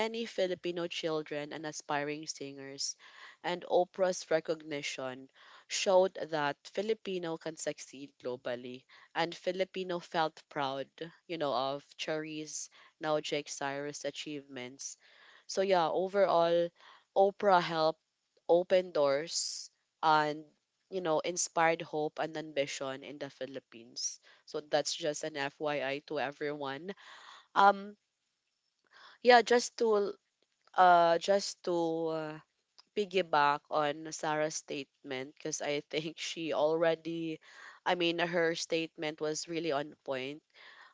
Speaker 1: many Filipino children and aspiring singers. And Oprah's recognition showed that Filipino can succeed globally, and Filipino felt proud, you know, of Charisse, now Jake Cyrus' achievements. So yeah, overall, Oprah helped open doors and, you know, inspired hope and ambition in the Philippines. So that's just an FYI to everyone. Um, yeah, just to piggyback on Sarah's statement because I think she already, I mean, her statement was really on point.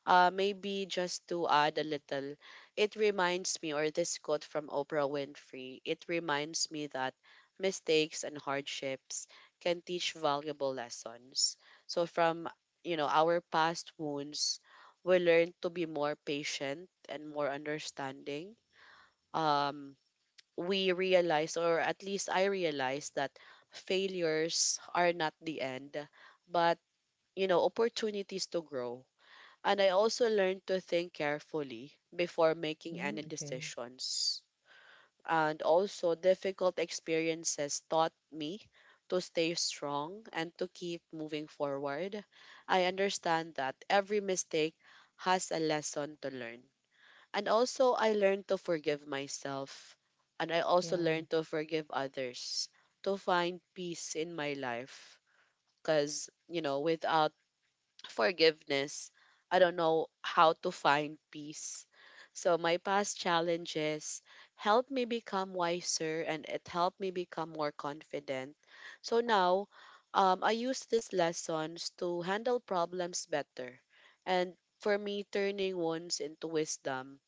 Speaker 1: Maybe just to add a little, it reminds me, or this quote from Oprah Winfrey, it reminds me that mistakes and hardships can teach valuable lessons. So from, you know, our past wounds, we learn to be more patient and more understanding. Um, we realize, or at least I realize, that failures are not the end, but, you know, opportunities to grow. And I also learned to think carefully before making any
Speaker 2: Mm, okay.
Speaker 1: decisions. And also, difficult experiences taught me to stay strong and to keep moving forward. I understand that every mistake has a lesson to learn. And also, I learned to forgive myself. And I also learned
Speaker 2: Yeah.
Speaker 1: to forgive others, to find peace in my life. Because, you know, without forgiveness, I don't know how to find peace. So my past challenges helped me become wiser and it helped me become more confident. So now I use these lessons to handle problems better. And for me, turning wounds into wisdom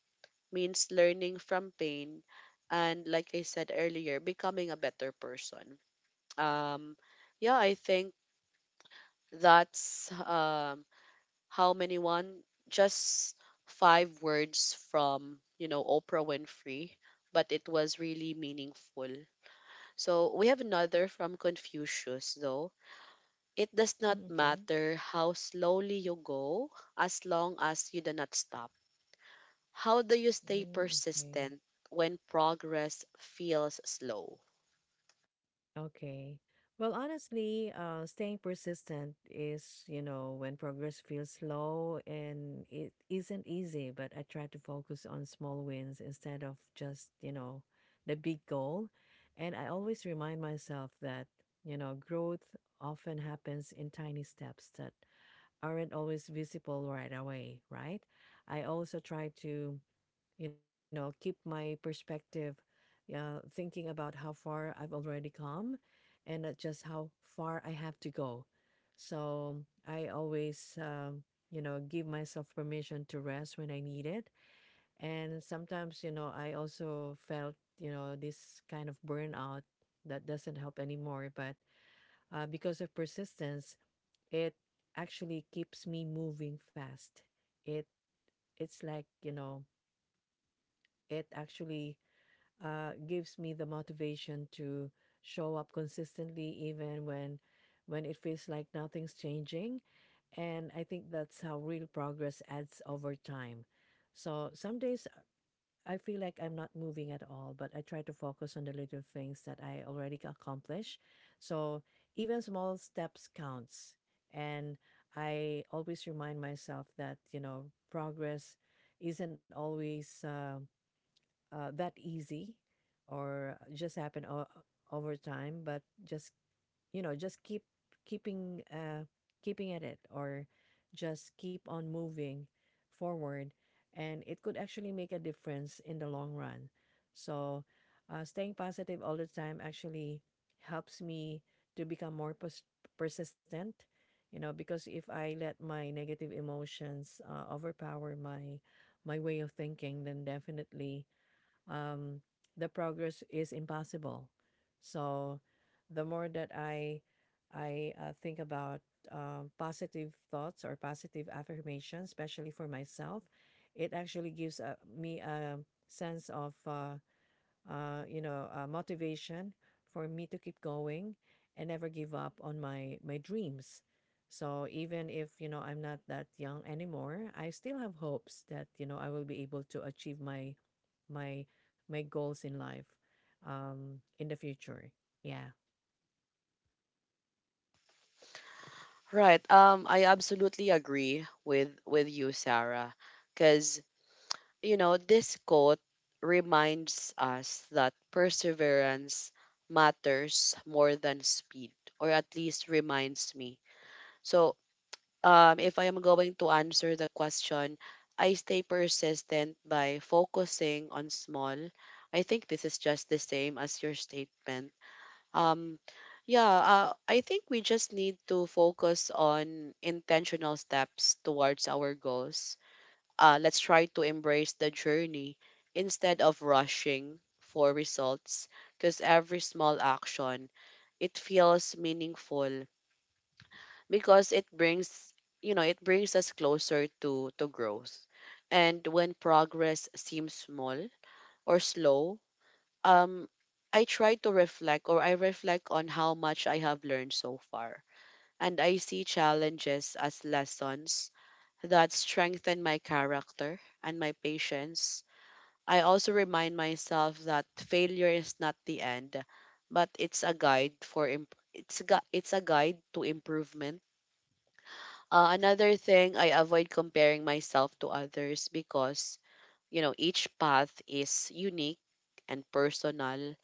Speaker 1: means learning from pain and, like I said earlier, becoming a better person. Um, yeah, I think that's how many one just five words from, you know, Oprah Winfrey, but it was really meaningful. So we have another from Confucius, though. It does
Speaker 2: Mm,
Speaker 1: not
Speaker 2: okay.
Speaker 1: matter how slowly you go as long as you do not stop. How do you stay
Speaker 2: Mm, okay.
Speaker 1: persistent when progress feels slow?
Speaker 2: Okay. Well, honestly, staying persistent is, you know, when progress feels slow and it isn't easy, but I try to focus on small wins instead of just, you know, the big goal. And I always remind myself that, you know, growth often happens in tiny steps that aren't always visible right away, right? I also try to you know, keep my perspective, yeah, thinking about how far I've already come and just how far I have to go. So I always, you know, give myself permission to rest when I need it. And sometimes, you know, I also felt, you know, this kind of burnout that doesn't help anymore. But because of persistence, it actually keeps me moving fast. It it's like you know, it actually gives me the motivation to show up consistently even when it feels like nothing's changing, and I think that's how real progress adds over time. So some days I feel like I'm not moving at all, but I try to focus on the little things that I already accomplished. So even small steps counts. And I always remind myself that you know progress isn't always that easy or just happen over time, but just you know just keeping uh, keeping at it, or just keep on moving forward, and it could actually make a difference in the long run. So staying positive all the time actually helps me to become persistent, you know, because if I let my negative emotions overpower my way of thinking, then definitely um, the progress is impossible. So the more that I think about positive thoughts or positive affirmations, especially for myself, it actually gives me a sense of you know, motivation for me to keep going and never give up on my dreams. So even if you know I'm not that young anymore, I still have hopes that you know I will be able to achieve my my goals in life in the future. Yeah.
Speaker 1: Right. I absolutely agree with you, Sarah, because, you know, this quote reminds us that perseverance matters more than speed, or at least reminds me. So, if I am going to answer the question, I stay persistent by focusing on small. I think this is just the same as your statement. Um, yeah, I think we just need to focus on intentional steps towards our goals. Let's try to embrace the journey instead of rushing for results, because every small action, it feels meaningful because it brings us closer to growth. And when progress seems small or slow, um I try to reflect, or I reflect on how much I have learned so far. And I see challenges as lessons that strengthen my character and my patience. I also remind myself that failure is not the end, but it's a guide for imp- it's a gu- it's a guide to improvement. Another thing, I avoid comparing myself to others because, you know, each path is unique and personal.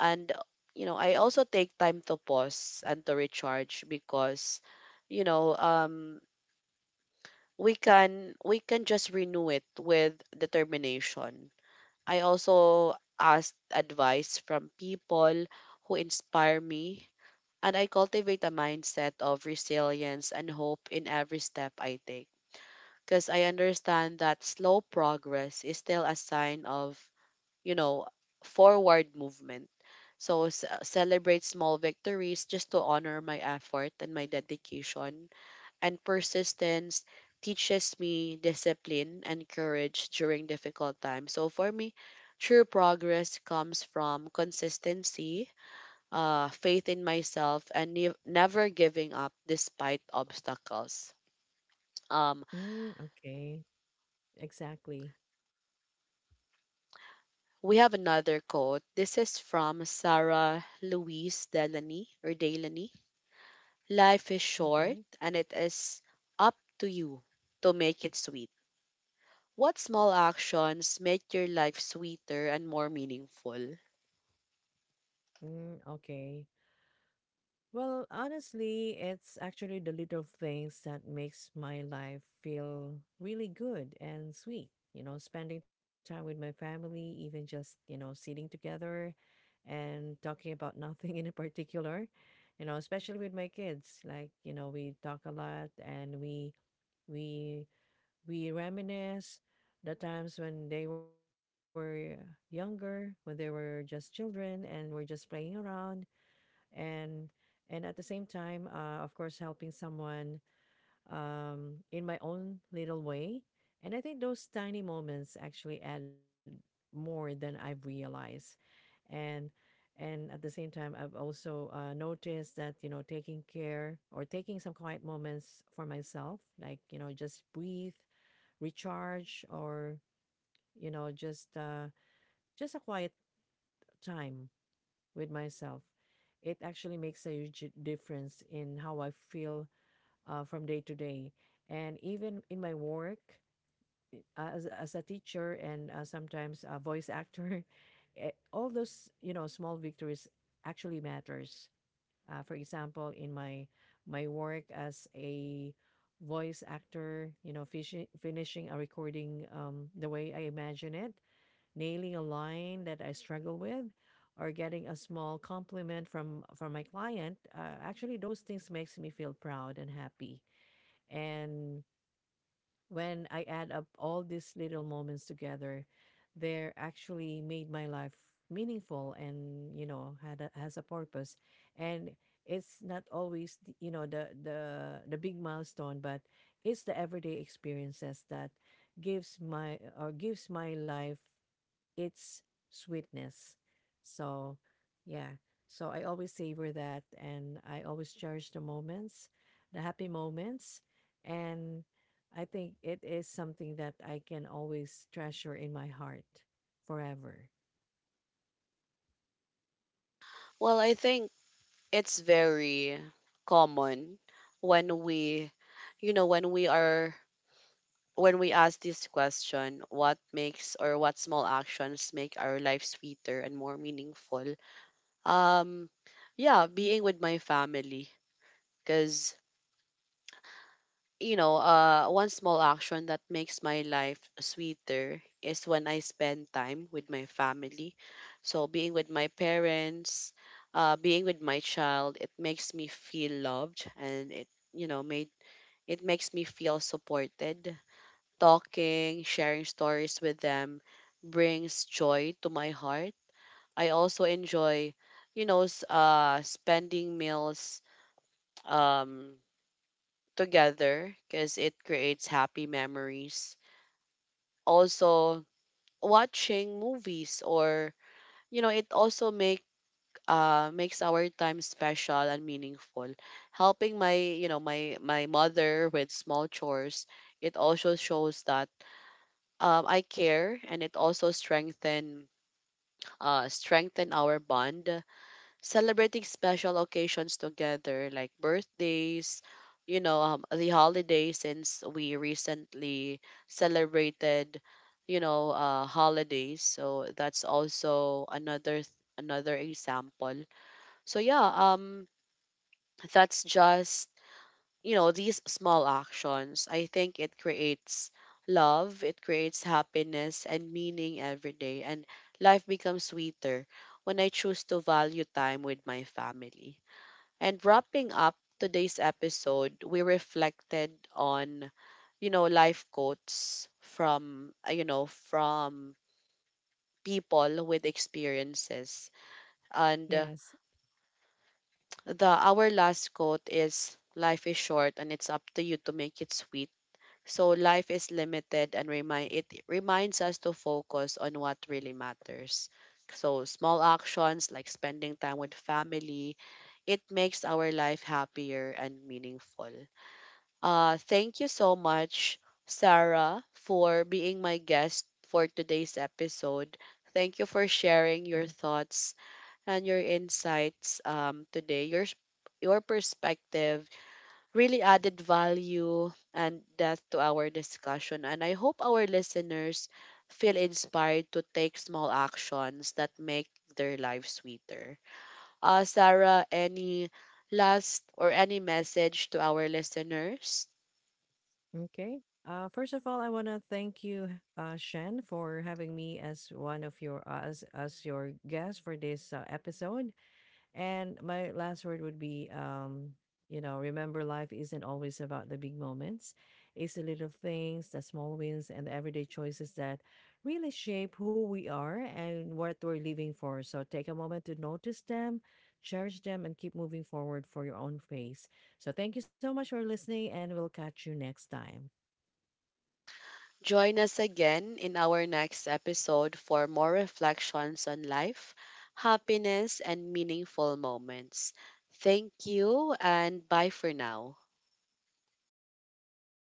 Speaker 1: And, you know, I also take time to pause and to recharge because, you know, we can just renew it with determination. I also asked advice from people who inspire me, and I cultivate a mindset of resilience and hope in every step I take. Because I understand that slow progress is still a sign of, you know, forward movement. So, celebrate small victories just to honor my effort and my dedication. And persistence teaches me discipline and courage during difficult times. So for me, true progress comes from consistency, faith in myself, and never giving up despite obstacles. Um,
Speaker 2: Mm, okay. Exactly.
Speaker 1: we have another quote. This is from Sarah Louise Delany or Delany. Life is
Speaker 2: Okay.
Speaker 1: short, and it is up to you to make it sweet. What small actions make your life sweeter and more meaningful?
Speaker 2: Mm, okay. Well, honestly, it's actually the little things that makes my life feel really good and sweet. You know, spending time with my family, even just, you know, sitting together and talking about nothing in particular, you know, especially with my kids. Like, you know, we talk a lot and we we reminisce the times when they were younger, when they were just children and we're just playing around and and at the same time of course helping someone in my own little way. And I think those tiny moments actually add more than I've realized. And and at the same time, I've also noticed that you know taking care or taking some quiet moments for myself, like you know just breathe, recharge, or you know just a quiet time with myself. It actually makes a huge difference in how I feel from day to day. And even in my work I- as a teacher and sometimes a voice actor, eh, all those, you know, small victories actually matters. For example, in my work as a voice actor, you know, finishing a recording the way I imagine it, nailing a line that I struggle with, or getting a small compliment from my client, actually those things makes me feel proud and happy. And when I add up all these little moments together, they're actually made my life meaningful, and you know had a, has a purpose. And it's not always you know the big milestone, but it's the everyday experiences that gives my or gives my life its sweetness. So, yeah. So I always savor that, and I always cherish the moments, the happy moments. And I think it is something that I can always treasure in my heart forever.
Speaker 1: Well, I think it's very common when we, you know, when we are, when we ask this question, what makes or what small actions make our life sweeter and more meaningful? Um, yeah, being with my family. Because, you know, one small action that makes my life sweeter is when I spend time with my family. So, being with my parents, being with my child, it makes me feel loved and it, you know, made it makes me feel supported. Talking, sharing stories with them brings joy to my heart. I also enjoy, you know, spending meals. Um, Together because it creates happy memories. Also, watching movies or, you know, it also makes our time special and meaningful. Helping my you know my my mother with small chores, it also shows that I care, and it also strengthen our bond. Celebrating special occasions together like birthdays, you know, the holidays, since we recently celebrated, you know, holidays, so that's also another example. So yeah, that's just, you know, these small actions, I think it creates love, it creates happiness and meaning every day. And life becomes sweeter when I choose to value time with my family. And wrapping up today's episode, we reflected on, you know, life quotes from, you know, from people with experiences. And
Speaker 2: Yes.
Speaker 1: the our last quote is, life is short and it's up to you to make it sweet. So life is limited, and remind it reminds us to focus on what really matters. So small actions like spending time with family, it makes our life happier and meaningful. Thank you so much, Sarah, for being my guest for today's episode. Thank you for sharing
Speaker 2: Mm,
Speaker 1: your thoughts and your insights today. Your perspective really added value and depth to our discussion, and I hope our listeners feel inspired to take small actions that make their lives sweeter. Sarah, any last or any message to our listeners?
Speaker 2: Okay. First of all, I want to thank you, Shen, for having me as one of your as your guest for this episode. And my last word would be, you know, remember life isn't always about the big moments. It's the little things, the small wins, and the everyday choices that really shape who we are and what we're living for. So take a moment to notice them, cherish them, and keep moving forward for your own pace. So thank you so much for listening, and we'll catch you next time.
Speaker 1: Join us again in our next episode for more reflections on life, happiness, and meaningful moments. Thank you, and bye for now.
Speaker 2: Bye.